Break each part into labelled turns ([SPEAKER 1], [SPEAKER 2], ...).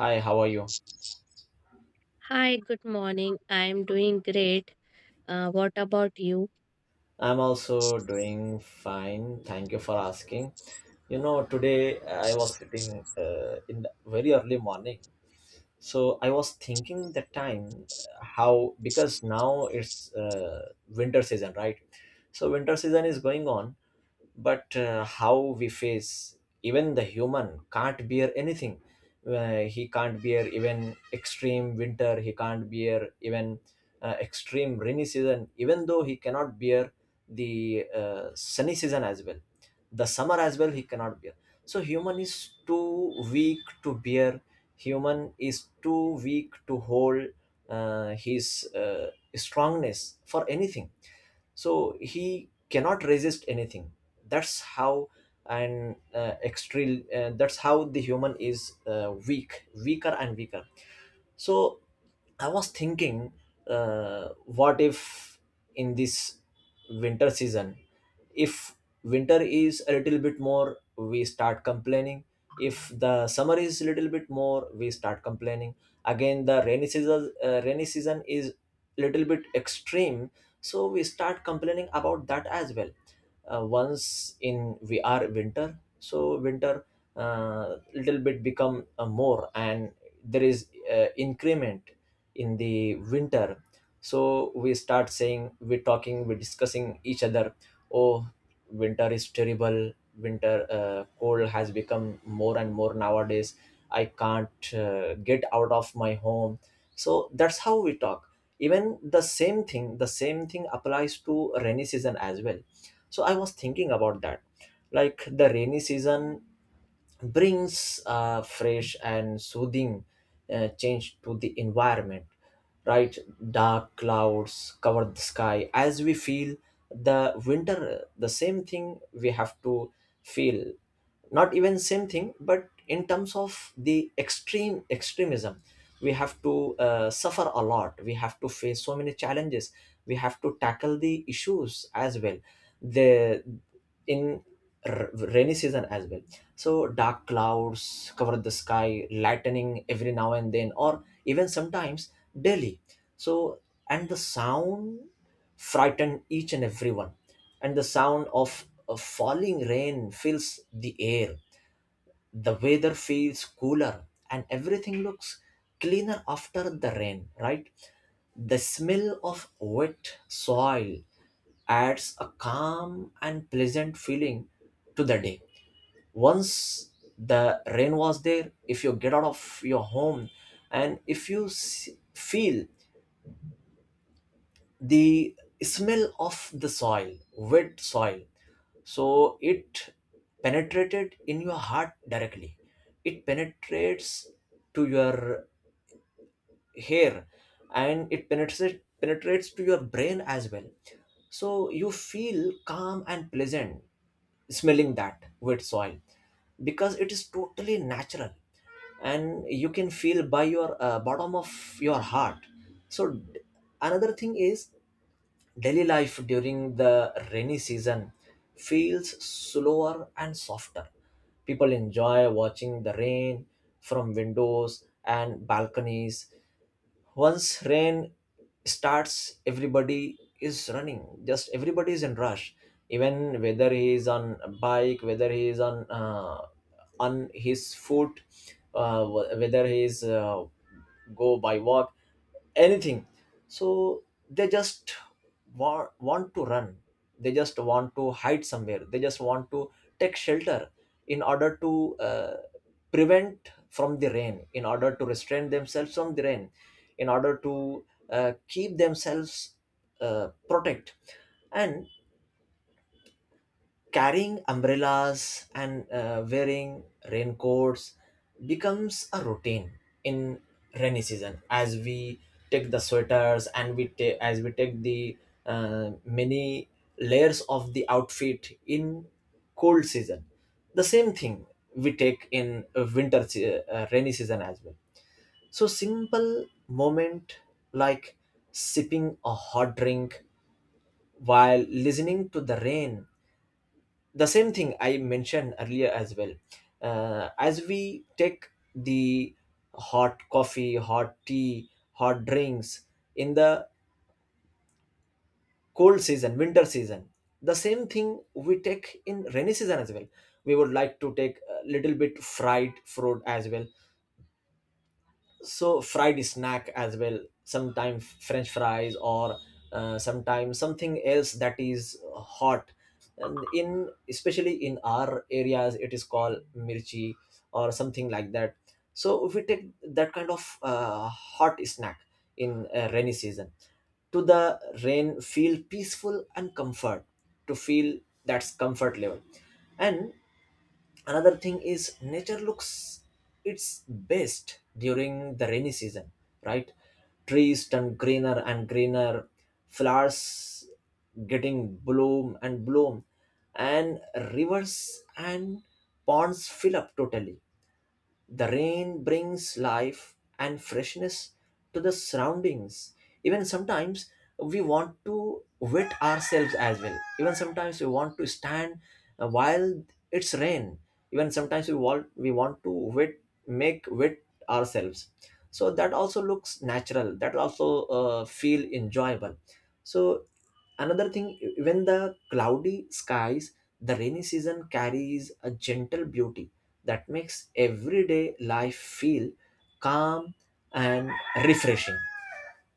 [SPEAKER 1] Hi, how are you?
[SPEAKER 2] Hi, good morning. I'm doing great. What about you?
[SPEAKER 1] I'm also doing fine. Thank you for asking. Today I was sitting in the very early morning. So I was thinking the time how, because now it's winter season, right? So winter season is going on, but how we face, even the human can't bear anything. He can't bear even extreme winter, he can't bear even extreme rainy season, even though he cannot bear the sunny season as well, the summer as well he cannot bear. So human is too weak to bear, human is too weak to hold his strongness for anything, so he cannot resist anything. that's how that's how the human is weaker and weaker. So I was thinking, what if in this winter season, if winter is a little bit more, we start complaining. If the summer is a little bit more, we start complaining. Again, the rainy season is little bit extreme, so we start complaining about that as well. Once in we are winter, so winter little bit become more, and there is increment in the winter. So we start saying, we're talking, we're discussing each other, oh, winter is terrible, winter cold has become more and more nowadays, I can't get out of my home. So that's how we talk. Even the same thing applies to rainy season as well. So I was thinking about that, like the rainy season brings a fresh and soothing change to the environment, right? Dark clouds cover the sky as we feel the winter, the same thing we have to feel. Not even same thing, but in terms of the extreme extremism, we have to suffer a lot, we have to face so many challenges, we have to tackle the issues as well, the in rainy season as well. So dark clouds cover the sky, lightning every now and then, or even sometimes daily. So, and the sound frighten each and everyone, and the sound of falling rain fills the air. The weather feels cooler and everything looks cleaner after the rain, right? The smell of wet soil adds a calm and pleasant feeling to the day. Once the rain was there, if you get out of your home and if you feel the smell of the soil, wet soil, so it penetrated in your heart directly. It penetrates to your hair, and it penetrates to your brain as well. So you feel calm and pleasant smelling that wet soil, because it is totally natural, and you can feel by your bottom of your heart. So another thing is, daily life during the rainy season feels slower and softer, people enjoy watching the rain from windows and balconies. Once rain starts, everybody is running, just everybody is in rush. Even whether he is on a bike, whether he is on his foot, whether he is go by walk, anything. So they just want to run, they just want to hide somewhere, they just want to take shelter in order to prevent from the rain, in order to restrain themselves from the rain, in order to keep themselves protect, and carrying umbrellas and wearing raincoats becomes a routine in rainy season. As we take the sweaters, and we take as we take the many layers of the outfit in cold season, the same thing we take in rainy season as well. So simple moment, like sipping a hot drink while listening to the rain, the same thing I mentioned earlier as well. As we take the hot coffee, hot tea, hot drinks in the cold season, winter season, the same thing we take in rainy season as well. We would like to take a little bit fried fruit as well, so fried snack as well, sometimes french fries, or sometimes something else that is hot. And in, especially in our areas, it is called mirchi or something like that. So if we take that kind of hot snack in rainy season, to the rain feel peaceful and comfort, to feel, that's comfort level. And another thing is, nature looks its best during the rainy season, right? Trees turn greener and greener, flowers getting bloom and bloom, and rivers and ponds fill up totally. The rain brings life and freshness to the surroundings. Even sometimes we want to wet ourselves as well. Even sometimes we want to stand while it's rain. Even sometimes we want to wet make wet ourselves. So that also looks natural. That also feel enjoyable. So another thing, when the cloudy skies, the rainy season carries a gentle beauty that makes everyday life feel calm and refreshing.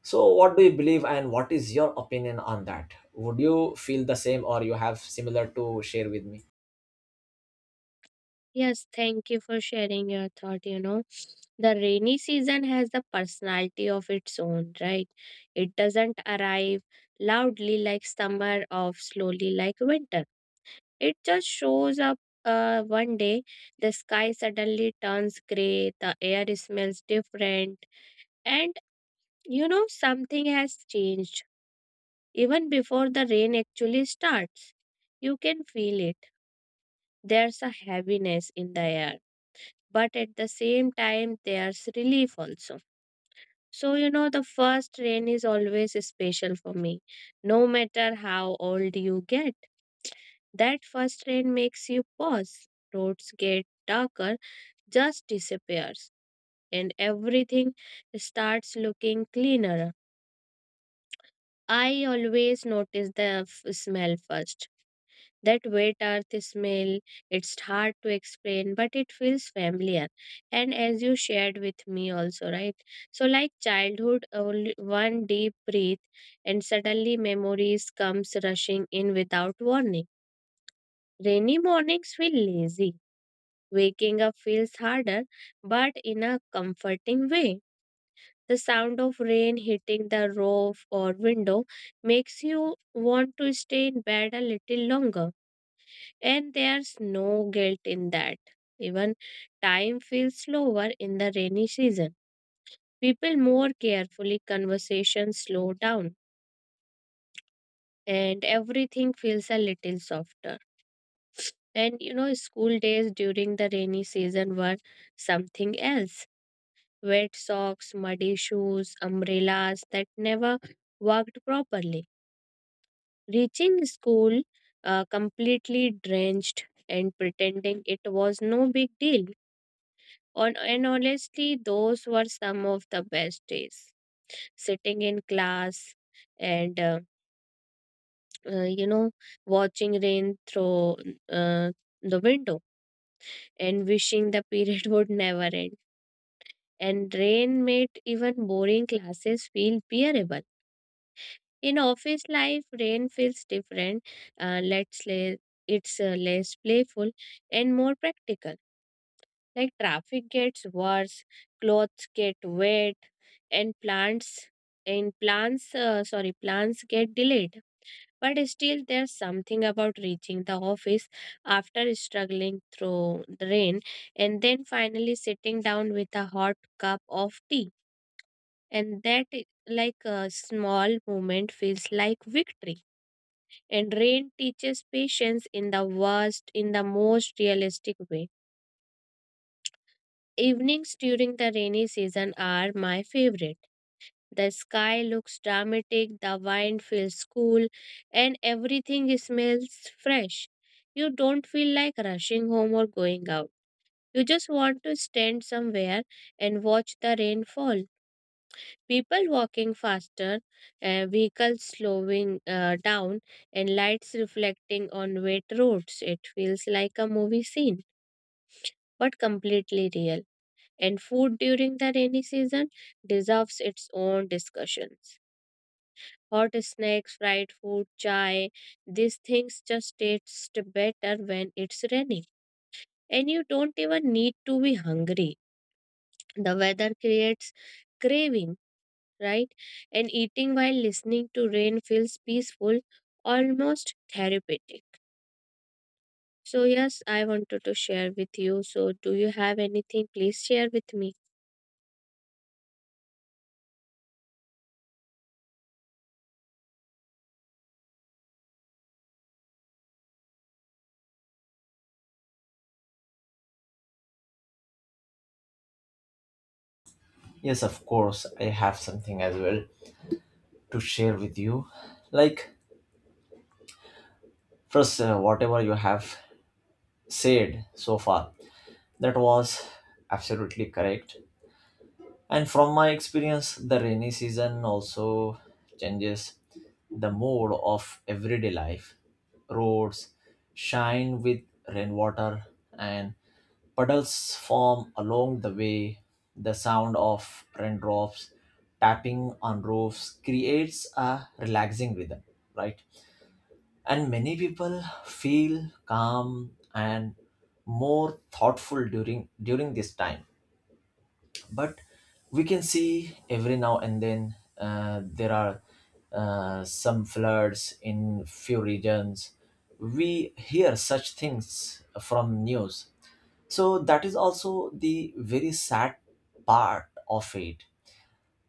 [SPEAKER 1] So what do you believe, and what is your opinion on that? Would you feel the same, or you have similar to share with me?
[SPEAKER 2] Yes, thank you for sharing your thought. You know, the rainy season has the personality of its own, right? It doesn't arrive loudly like summer or slowly like winter. It just shows up one day. The sky suddenly turns gray, the air smells different, and something has changed even before the rain actually starts. You can feel it. There's a heaviness in the air, but at the same time, there's relief also. So, the first rain is always special for me, no matter how old you get. That first rain makes you pause. Roads get darker, just disappears, and everything starts looking cleaner. I always notice the smell first. That wet earth smell, it's hard to explain, but it feels familiar. And as you shared with me also, right? So like childhood, only one deep breath and suddenly memories comes rushing in without warning. Rainy mornings feel lazy. Waking up feels harder, but in a comforting way. The sound of rain hitting the roof or window makes you want to stay in bed a little longer, and there's no guilt in that. Even time feels slower in the rainy season. People more carefully, conversations slow down, and everything feels a little softer. And school days during the rainy season were something else. Wet socks, muddy shoes, umbrellas that never worked properly. Reaching school completely drenched and pretending it was no big deal. And honestly, those were some of the best days. Sitting in class and, uh, you know, watching rain through uh, the window and wishing the period would never end. And rain made even boring classes feel bearable. In office life, rain feels different. Let's say it's less playful and more practical. Like traffic gets worse, clothes get wet, and plants get delayed. But still, there's something about reaching the office after struggling through the rain and then finally sitting down with a hot cup of tea. And that, like a small moment, feels like victory. And rain teaches patience in the most realistic way. Evenings during the rainy season are my favorite. The sky looks dramatic, the wind feels cool, and everything smells fresh. You don't feel like rushing home or going out. You just want to stand somewhere and watch the rain fall. People walking faster, vehicles slowing down, and lights reflecting on wet roads. It feels like a movie scene, but completely real. And food during the rainy season deserves its own discussions. Hot snacks, fried food, chai, these things just taste better when it's raining. And you don't even need to be hungry. The weather creates craving, right? And eating while listening to rain feels peaceful, almost therapeutic. So, yes, I wanted to share with you. So, do you have anything? Please share with me.
[SPEAKER 1] Yes, of course I have something as well to share with you. Like, first, whatever you have said so far, that was absolutely correct. And from my experience, the rainy season also changes the mood of everyday life. Roads shine with rainwater, and puddles form along the way. The sound of raindrops tapping on roofs creates a relaxing rhythm, right? And many people feel calm and more thoughtful during this time. But we can see every now and then, there are some floods in few regions, we hear such things from news. So that is also the very sad part of it,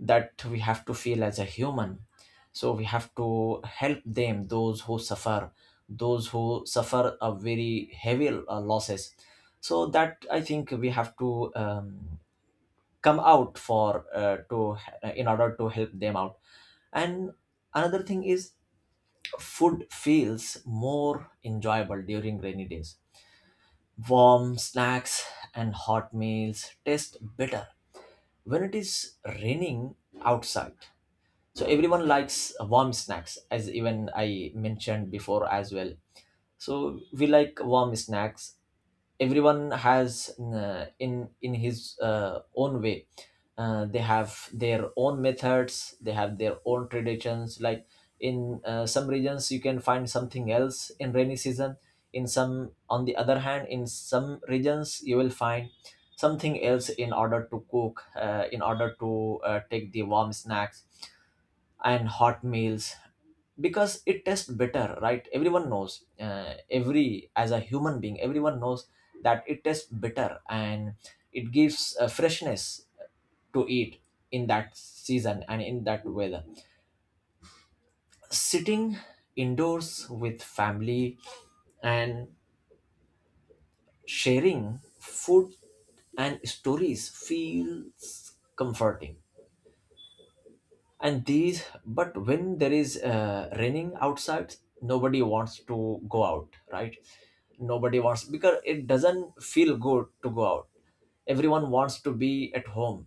[SPEAKER 1] that we have to feel as a human. So we have to help them, those who suffer a very heavy losses. So that, I think, we have to come out for, to in order to help them out. And another thing is, food feels more enjoyable during rainy days. Warm snacks and hot meals taste better when it is raining outside. So everyone likes warm snacks, as even I mentioned before as well. So we like warm snacks. Everyone has in his own way, they have their own methods, they have their own traditions. Like in some regions you can find something else in rainy season, in some, on the other hand, in some regions you will find something else in order to cook, in order to take the warm snacks and hot meals, because it tastes better, right? Everyone knows, every as a human being, everyone knows that it tastes better, and it gives a freshness to eat in that season and in that weather. Sitting indoors with family and sharing food and stories feels comforting. And these, but when there is raining outside, nobody wants to go out, right? Nobody wants, because it doesn't feel good to go out. Everyone wants to be at home,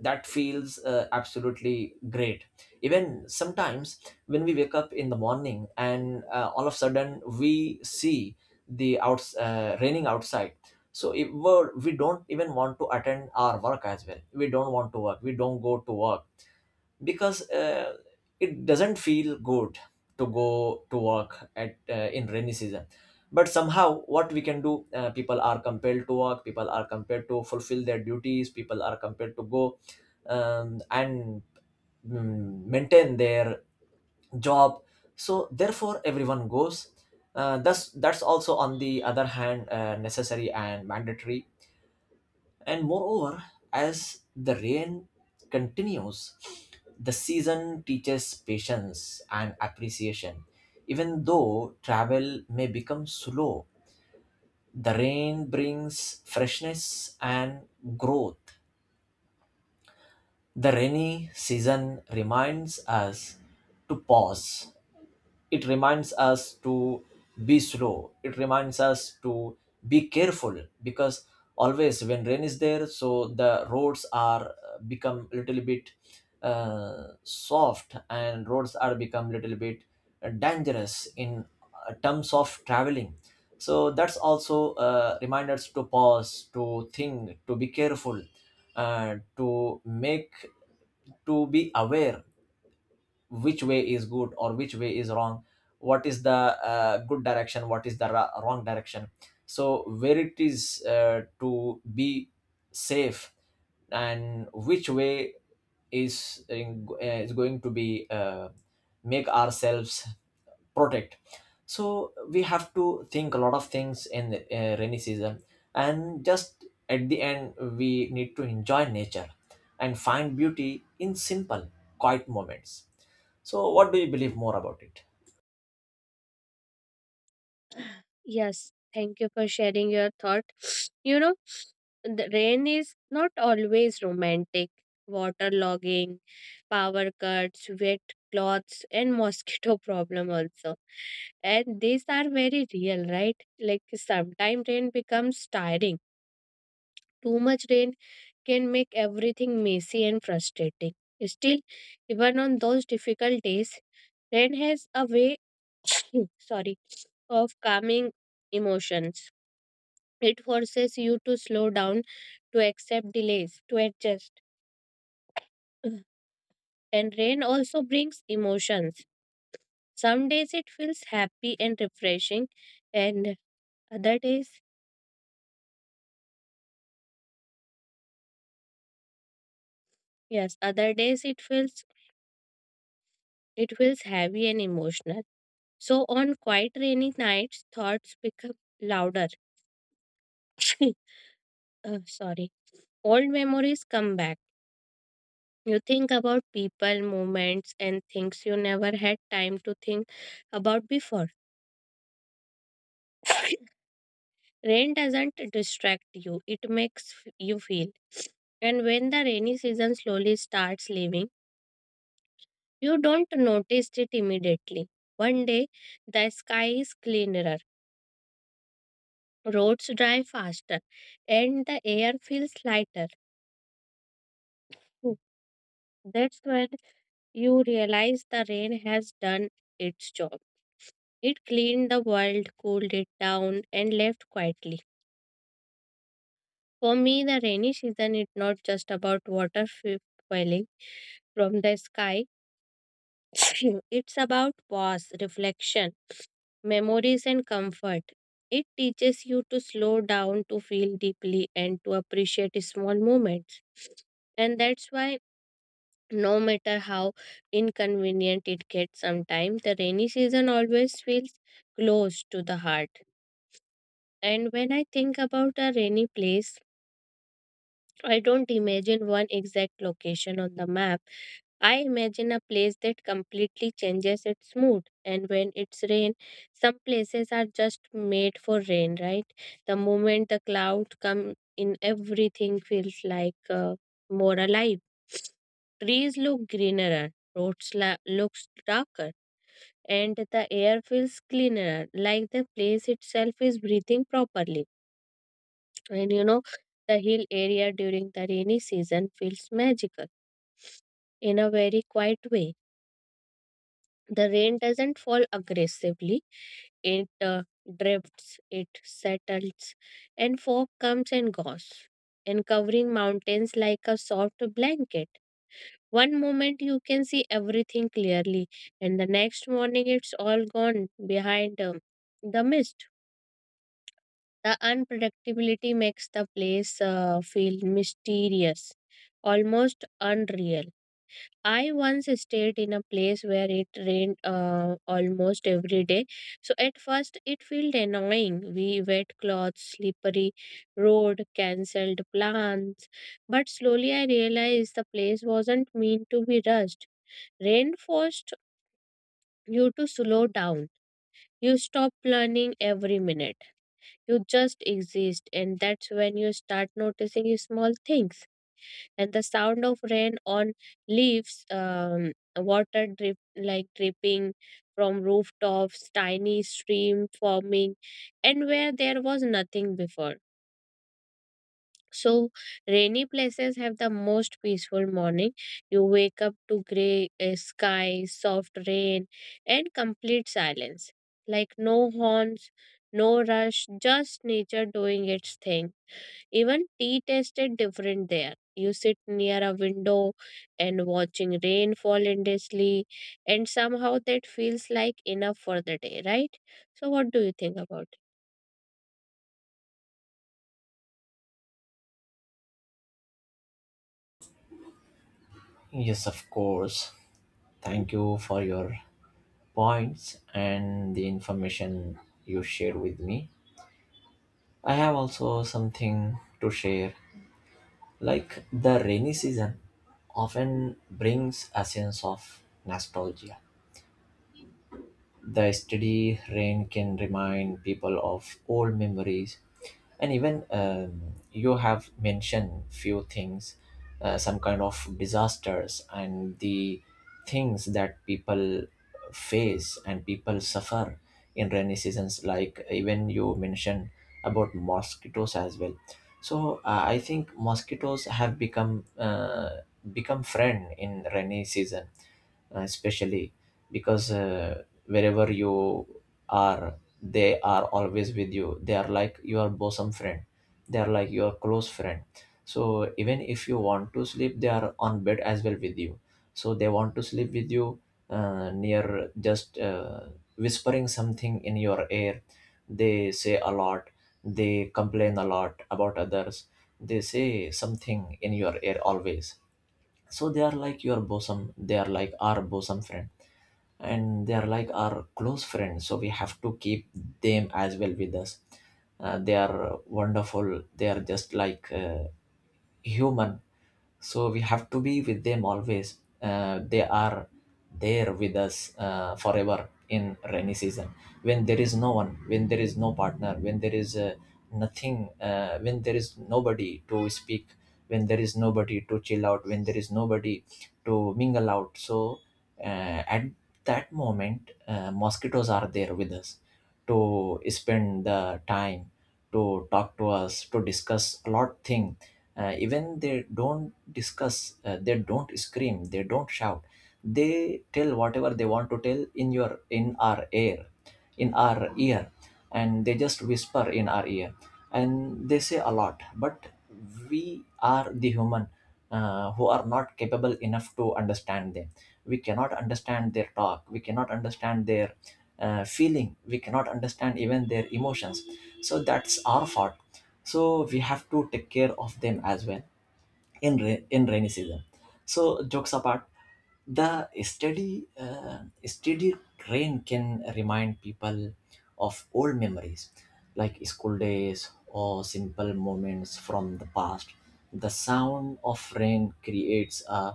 [SPEAKER 1] that feels absolutely great. Even sometimes when we wake up in the morning and all of a sudden we see the outs raining outside, so if we don't even want to attend our work as well, we don't want to work, we don't go to work, because it doesn't feel good to go to work at in rainy season. But somehow what we can do, people are compelled to work, people are compelled to fulfill their duties, people are compelled to go, and maintain their job, so therefore everyone goes, thus, that's also, on the other hand, necessary and mandatory. And moreover, as the rain continues, the season teaches patience and appreciation. Even though travel may become slow, the rain brings freshness and growth. The rainy season reminds us to pause, it reminds us to be slow, it reminds us to be careful. Because always when rain is there, so the roads are become little bit soft, and roads are become little bit dangerous in terms of traveling. So that's also reminders to pause, to think, to be careful, uh, to make to be aware which way is good or which way is wrong, what is the good direction, what is the wrong direction, so where it is to be safe, and which way is going to be make ourselves protect. So we have to think a lot of things in rainy season. And just at the end, we need to enjoy nature and find beauty in simple, quiet moments. So, what do you believe more about it?
[SPEAKER 2] Yes, thank you for sharing your thought. You know, the rain is not always romantic. Waterlogging, power cuts, wet cloths, and mosquito problem also. And these are very real, right? Like sometimes rain becomes tiring. Too much rain can make everything messy and frustrating. Still, even on those difficult days, rain has a way sorry, of calming emotions. It forces you to slow down, to accept delays, to adjust. And rain also brings emotions. Some days it feels happy and refreshing, and other days, yes, other days it feels heavy and emotional. So on quiet rainy nights, thoughts become louder. Sorry, old memories come back. You think about people, moments, and things you never had time to think about before. Rain doesn't distract you, it makes you feel. And when the rainy season slowly starts leaving, you don't notice it immediately. One day, the sky is cleaner, roads dry faster, and the air feels lighter. Hmm, That's when you realize the rain has done its job. It cleaned the world, cooled it down, and left quietly. For me, the rainy season is not just about water falling from the sky, it's about pause, reflection, memories, and comfort. It teaches you to slow down, to feel deeply, and to appreciate small moments. And that's why, no matter how inconvenient it gets sometimes, the rainy season always feels close to the heart. And when I think about a rainy place, I don't imagine one exact location on the map. I imagine a place that completely changes its mood. And when it's rain, some places are just made for rain, right? The moment the clouds come in, everything feels like more alive. Trees look greener, roads looks darker, and the air feels cleaner, like the place itself is breathing properly. And the hill area during the rainy season feels magical in a very quiet way. The rain doesn't fall aggressively, it drifts, it settles, and fog comes and goes, and covering mountains like a soft blanket. One moment you can see everything clearly, and the next morning it's all gone behind the mist. The unpredictability makes the place feel mysterious, almost unreal. I once stayed in a place where it rained almost every day. So at first it felt annoying. We wet clothes, slippery road, cancelled plans. But slowly I realized the place wasn't meant to be rushed. Rain forced you to slow down. You stop planning every minute. You just exist, and that's when you start noticing small things. And the sound of rain on leaves, water drip like dripping from rooftops, tiny stream forming, and where there was nothing before. So, rainy places have the most peaceful morning. You wake up to gray sky, soft rain, and complete silence. Like no horns, no rush, just nature doing its thing. Even tea tasted different there. You sit near a window and watching rain fall endlessly, and somehow that feels like enough for the day, right? So, what do you think about it?
[SPEAKER 1] Yes, of course. Thank you for your points and the information you shared with me. I have also something to share. Like the rainy season often brings a sense of nostalgia. The steady rain can remind people of old memories, and even you have mentioned few things, some kind of disasters and the things that people face and people suffer in rainy seasons. Like even you mentioned about mosquitoes as well, so I think mosquitoes have become, become friend in rainy season, especially because wherever you are, they are always with you. They are like your bosom friend, they are like your close friend. So even if you want to sleep, they are on bed as well with you, so they want to sleep with you, near, just whispering something in your ear. They say a lot, they complain a lot about others, they say something in your ear always. So they are like your bosom they are like our bosom friend, and they are like our close friends, so we have to keep them as well with us. They are wonderful, they are just like, human. So we have to be with them always. They are there with us forever in rainy season, when there is no one, when there is no partner, when there is, nothing, when there is nobody to speak, when there is nobody to chill out, when there is nobody to mingle out. So at that moment, mosquitoes are there with us to spend the time, to talk to us, to discuss a lot thing. Even they don't discuss, they don't scream, they don't shout. They tell whatever they want to tell in your in our air in our ear, and they just whisper in our ear, and they say a lot. But we are the human, who are not capable enough to understand them. We cannot understand their talk, we cannot understand their, feeling, we cannot understand even their emotions. So that's our fault, so we have to take care of them as well, in rainy season. So jokes apart, the steady rain can remind people of old memories, like school days or simple moments from the past. The sound of rain creates a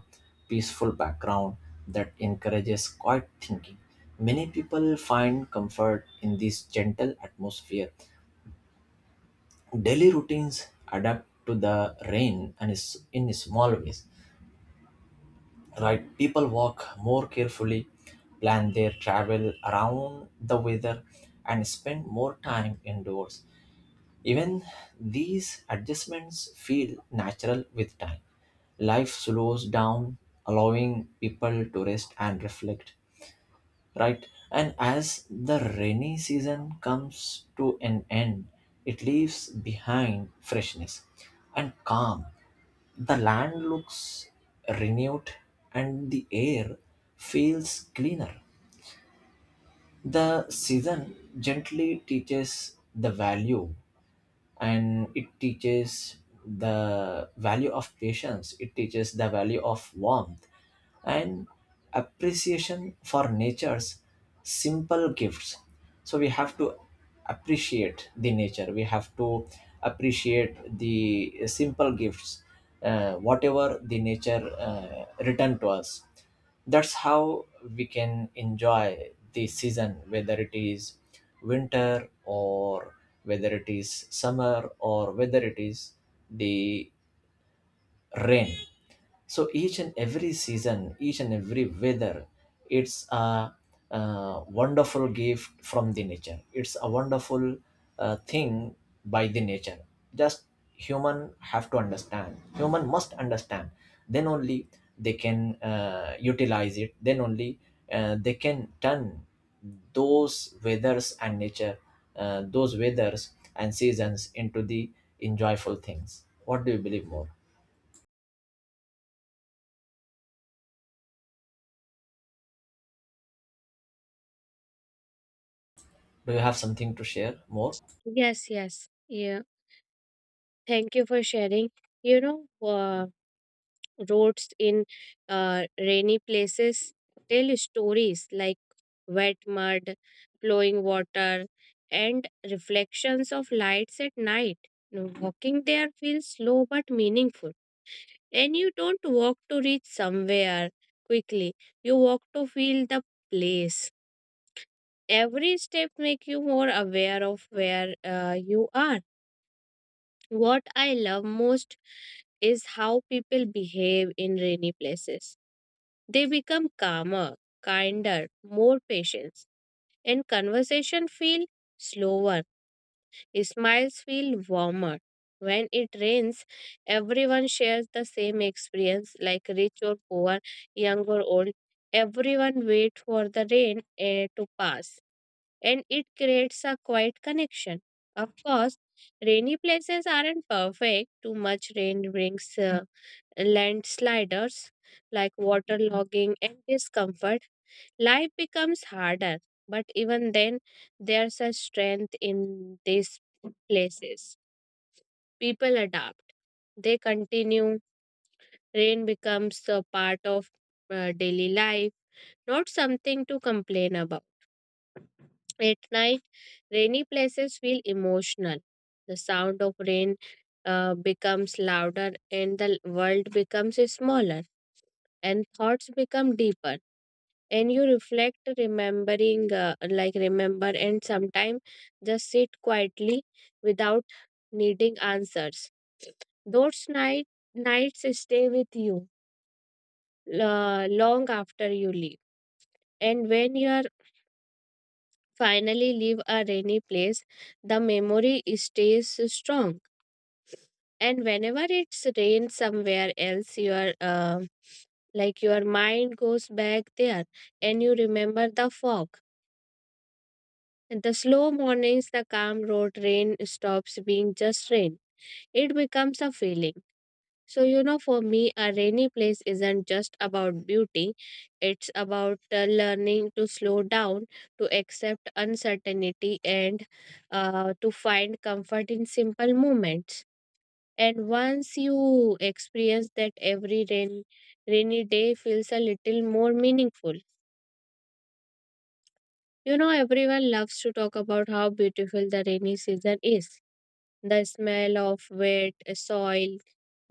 [SPEAKER 1] peaceful background that encourages quiet thinking. Many people find comfort in this gentle atmosphere. Daily routines adapt to the rain and is in small ways, right? People walk more carefully, plan their travel around the weather, and spend more time indoors. Even these adjustments feel natural with time, life slows down, allowing people to rest and reflect, right? And as the rainy season comes to an end, it leaves behind freshness and calm. The land looks renewed and the air feels cleaner. The season gently teaches the value, and it teaches the value of patience, it teaches the value of warmth and appreciation for nature's simple gifts. So we have to appreciate the nature, we have to appreciate the, simple gifts, whatever the nature returned to us. That's how we can enjoy the season, whether it is winter or whether it is summer or whether it is the rain. So each and every season, each and every weather, it's a wonderful gift from the nature, it's a wonderful thing by the nature. Just human have to understand, human must understand, then only they can utilize it, then only they can turn those weathers and nature those weathers and seasons into the enjoyable things. What do you believe more? Do you have something to share more?
[SPEAKER 2] Yes, yes. Yeah. Thank you for sharing. You know, uh, roads in rainy places tell stories like wet mud, flowing water, and reflections of lights at night. Now, walking there feels slow but meaningful, and you don't walk to reach somewhere quickly. You walk to feel the place. Every step make you more aware of where you are. What I love most is how people behave in rainy places. They become calmer, kinder, more patient, and conversation feel slower. Smiles feel warmer. When it rains, everyone shares the same experience, like rich or poor, young or old. Everyone waits for the rain to pass, and it creates a quiet connection. Of course, rainy places aren't perfect. Too much rain brings landsliders like waterlogging and discomfort. Life becomes harder, but even then, there's a strength in these places. People adapt, they continue. Rain becomes a part of daily life, not something to complain about. At night, rainy places feel emotional. The sound of rain becomes louder, and the world becomes smaller, and thoughts become deeper. And you reflect remembering like remember and sometimes just sit quietly without needing answers. Those nights stay with you long after you leave. And when you are finally leave a rainy place, the memory stays strong. And whenever it's rain somewhere else, your mind goes back there, and you remember the fog. The slow mornings, the calm road. Rain stops being just rain. It becomes a feeling. So, for me, a rainy place isn't just about beauty, it's about learning to slow down, to accept uncertainty, and to find comfort in simple moments. And once you experience that, every rainy day feels a little more meaningful. Everyone loves to talk about how beautiful the rainy season is. The smell of wet soil,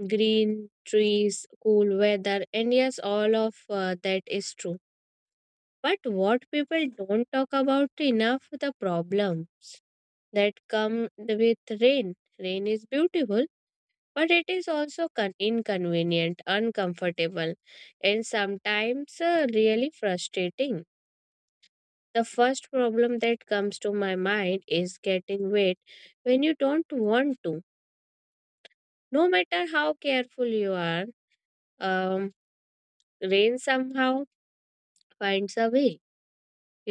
[SPEAKER 2] green trees, cool weather, and yes, all of that is true. But what people don't talk about enough the problem that come with rain. Rain is beautiful, but it is also inconvenient, uncomfortable, and sometimes really frustrating. The first problem that comes to my mind is getting wet when you don't want to, no matter how careful you are. Um, rain somehow finds a way.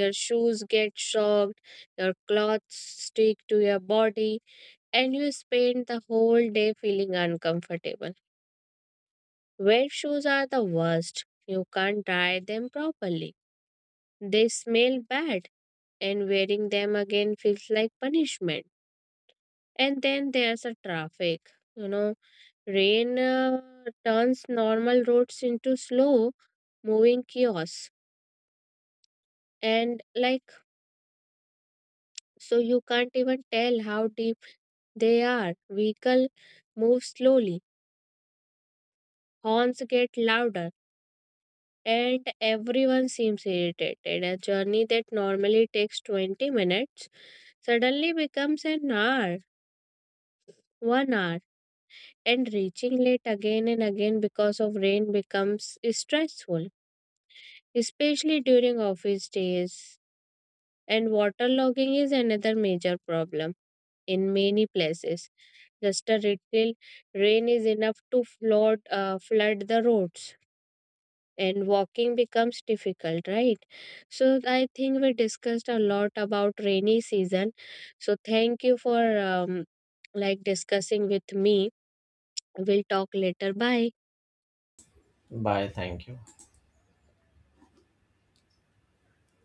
[SPEAKER 2] Your shoes get soaked, your clothes stick to your body, and you spend the whole day feeling uncomfortable. Wet shoes are the worst. You can't dry them properly. They smell bad, and wearing them again feels like punishment. And then there's a traffic. You know, rain turns normal roads into slow moving chaos. And like so you can't even tell how deep they are. Vehicle move slowly, horns get louder, and everyone seems irritated. A journey that normally takes 20 minutes suddenly becomes an hour, 1 hour, and reaching late again and again because of rain becomes stressful, especially during office days. And water logging is another major problem in many places. Just a little rain is enough to flood the roads, and walking becomes difficult, right? So I think we discussed a lot about rainy season. So thank you for like discussing with me. We'll talk later. Bye.
[SPEAKER 1] Bye, thank you.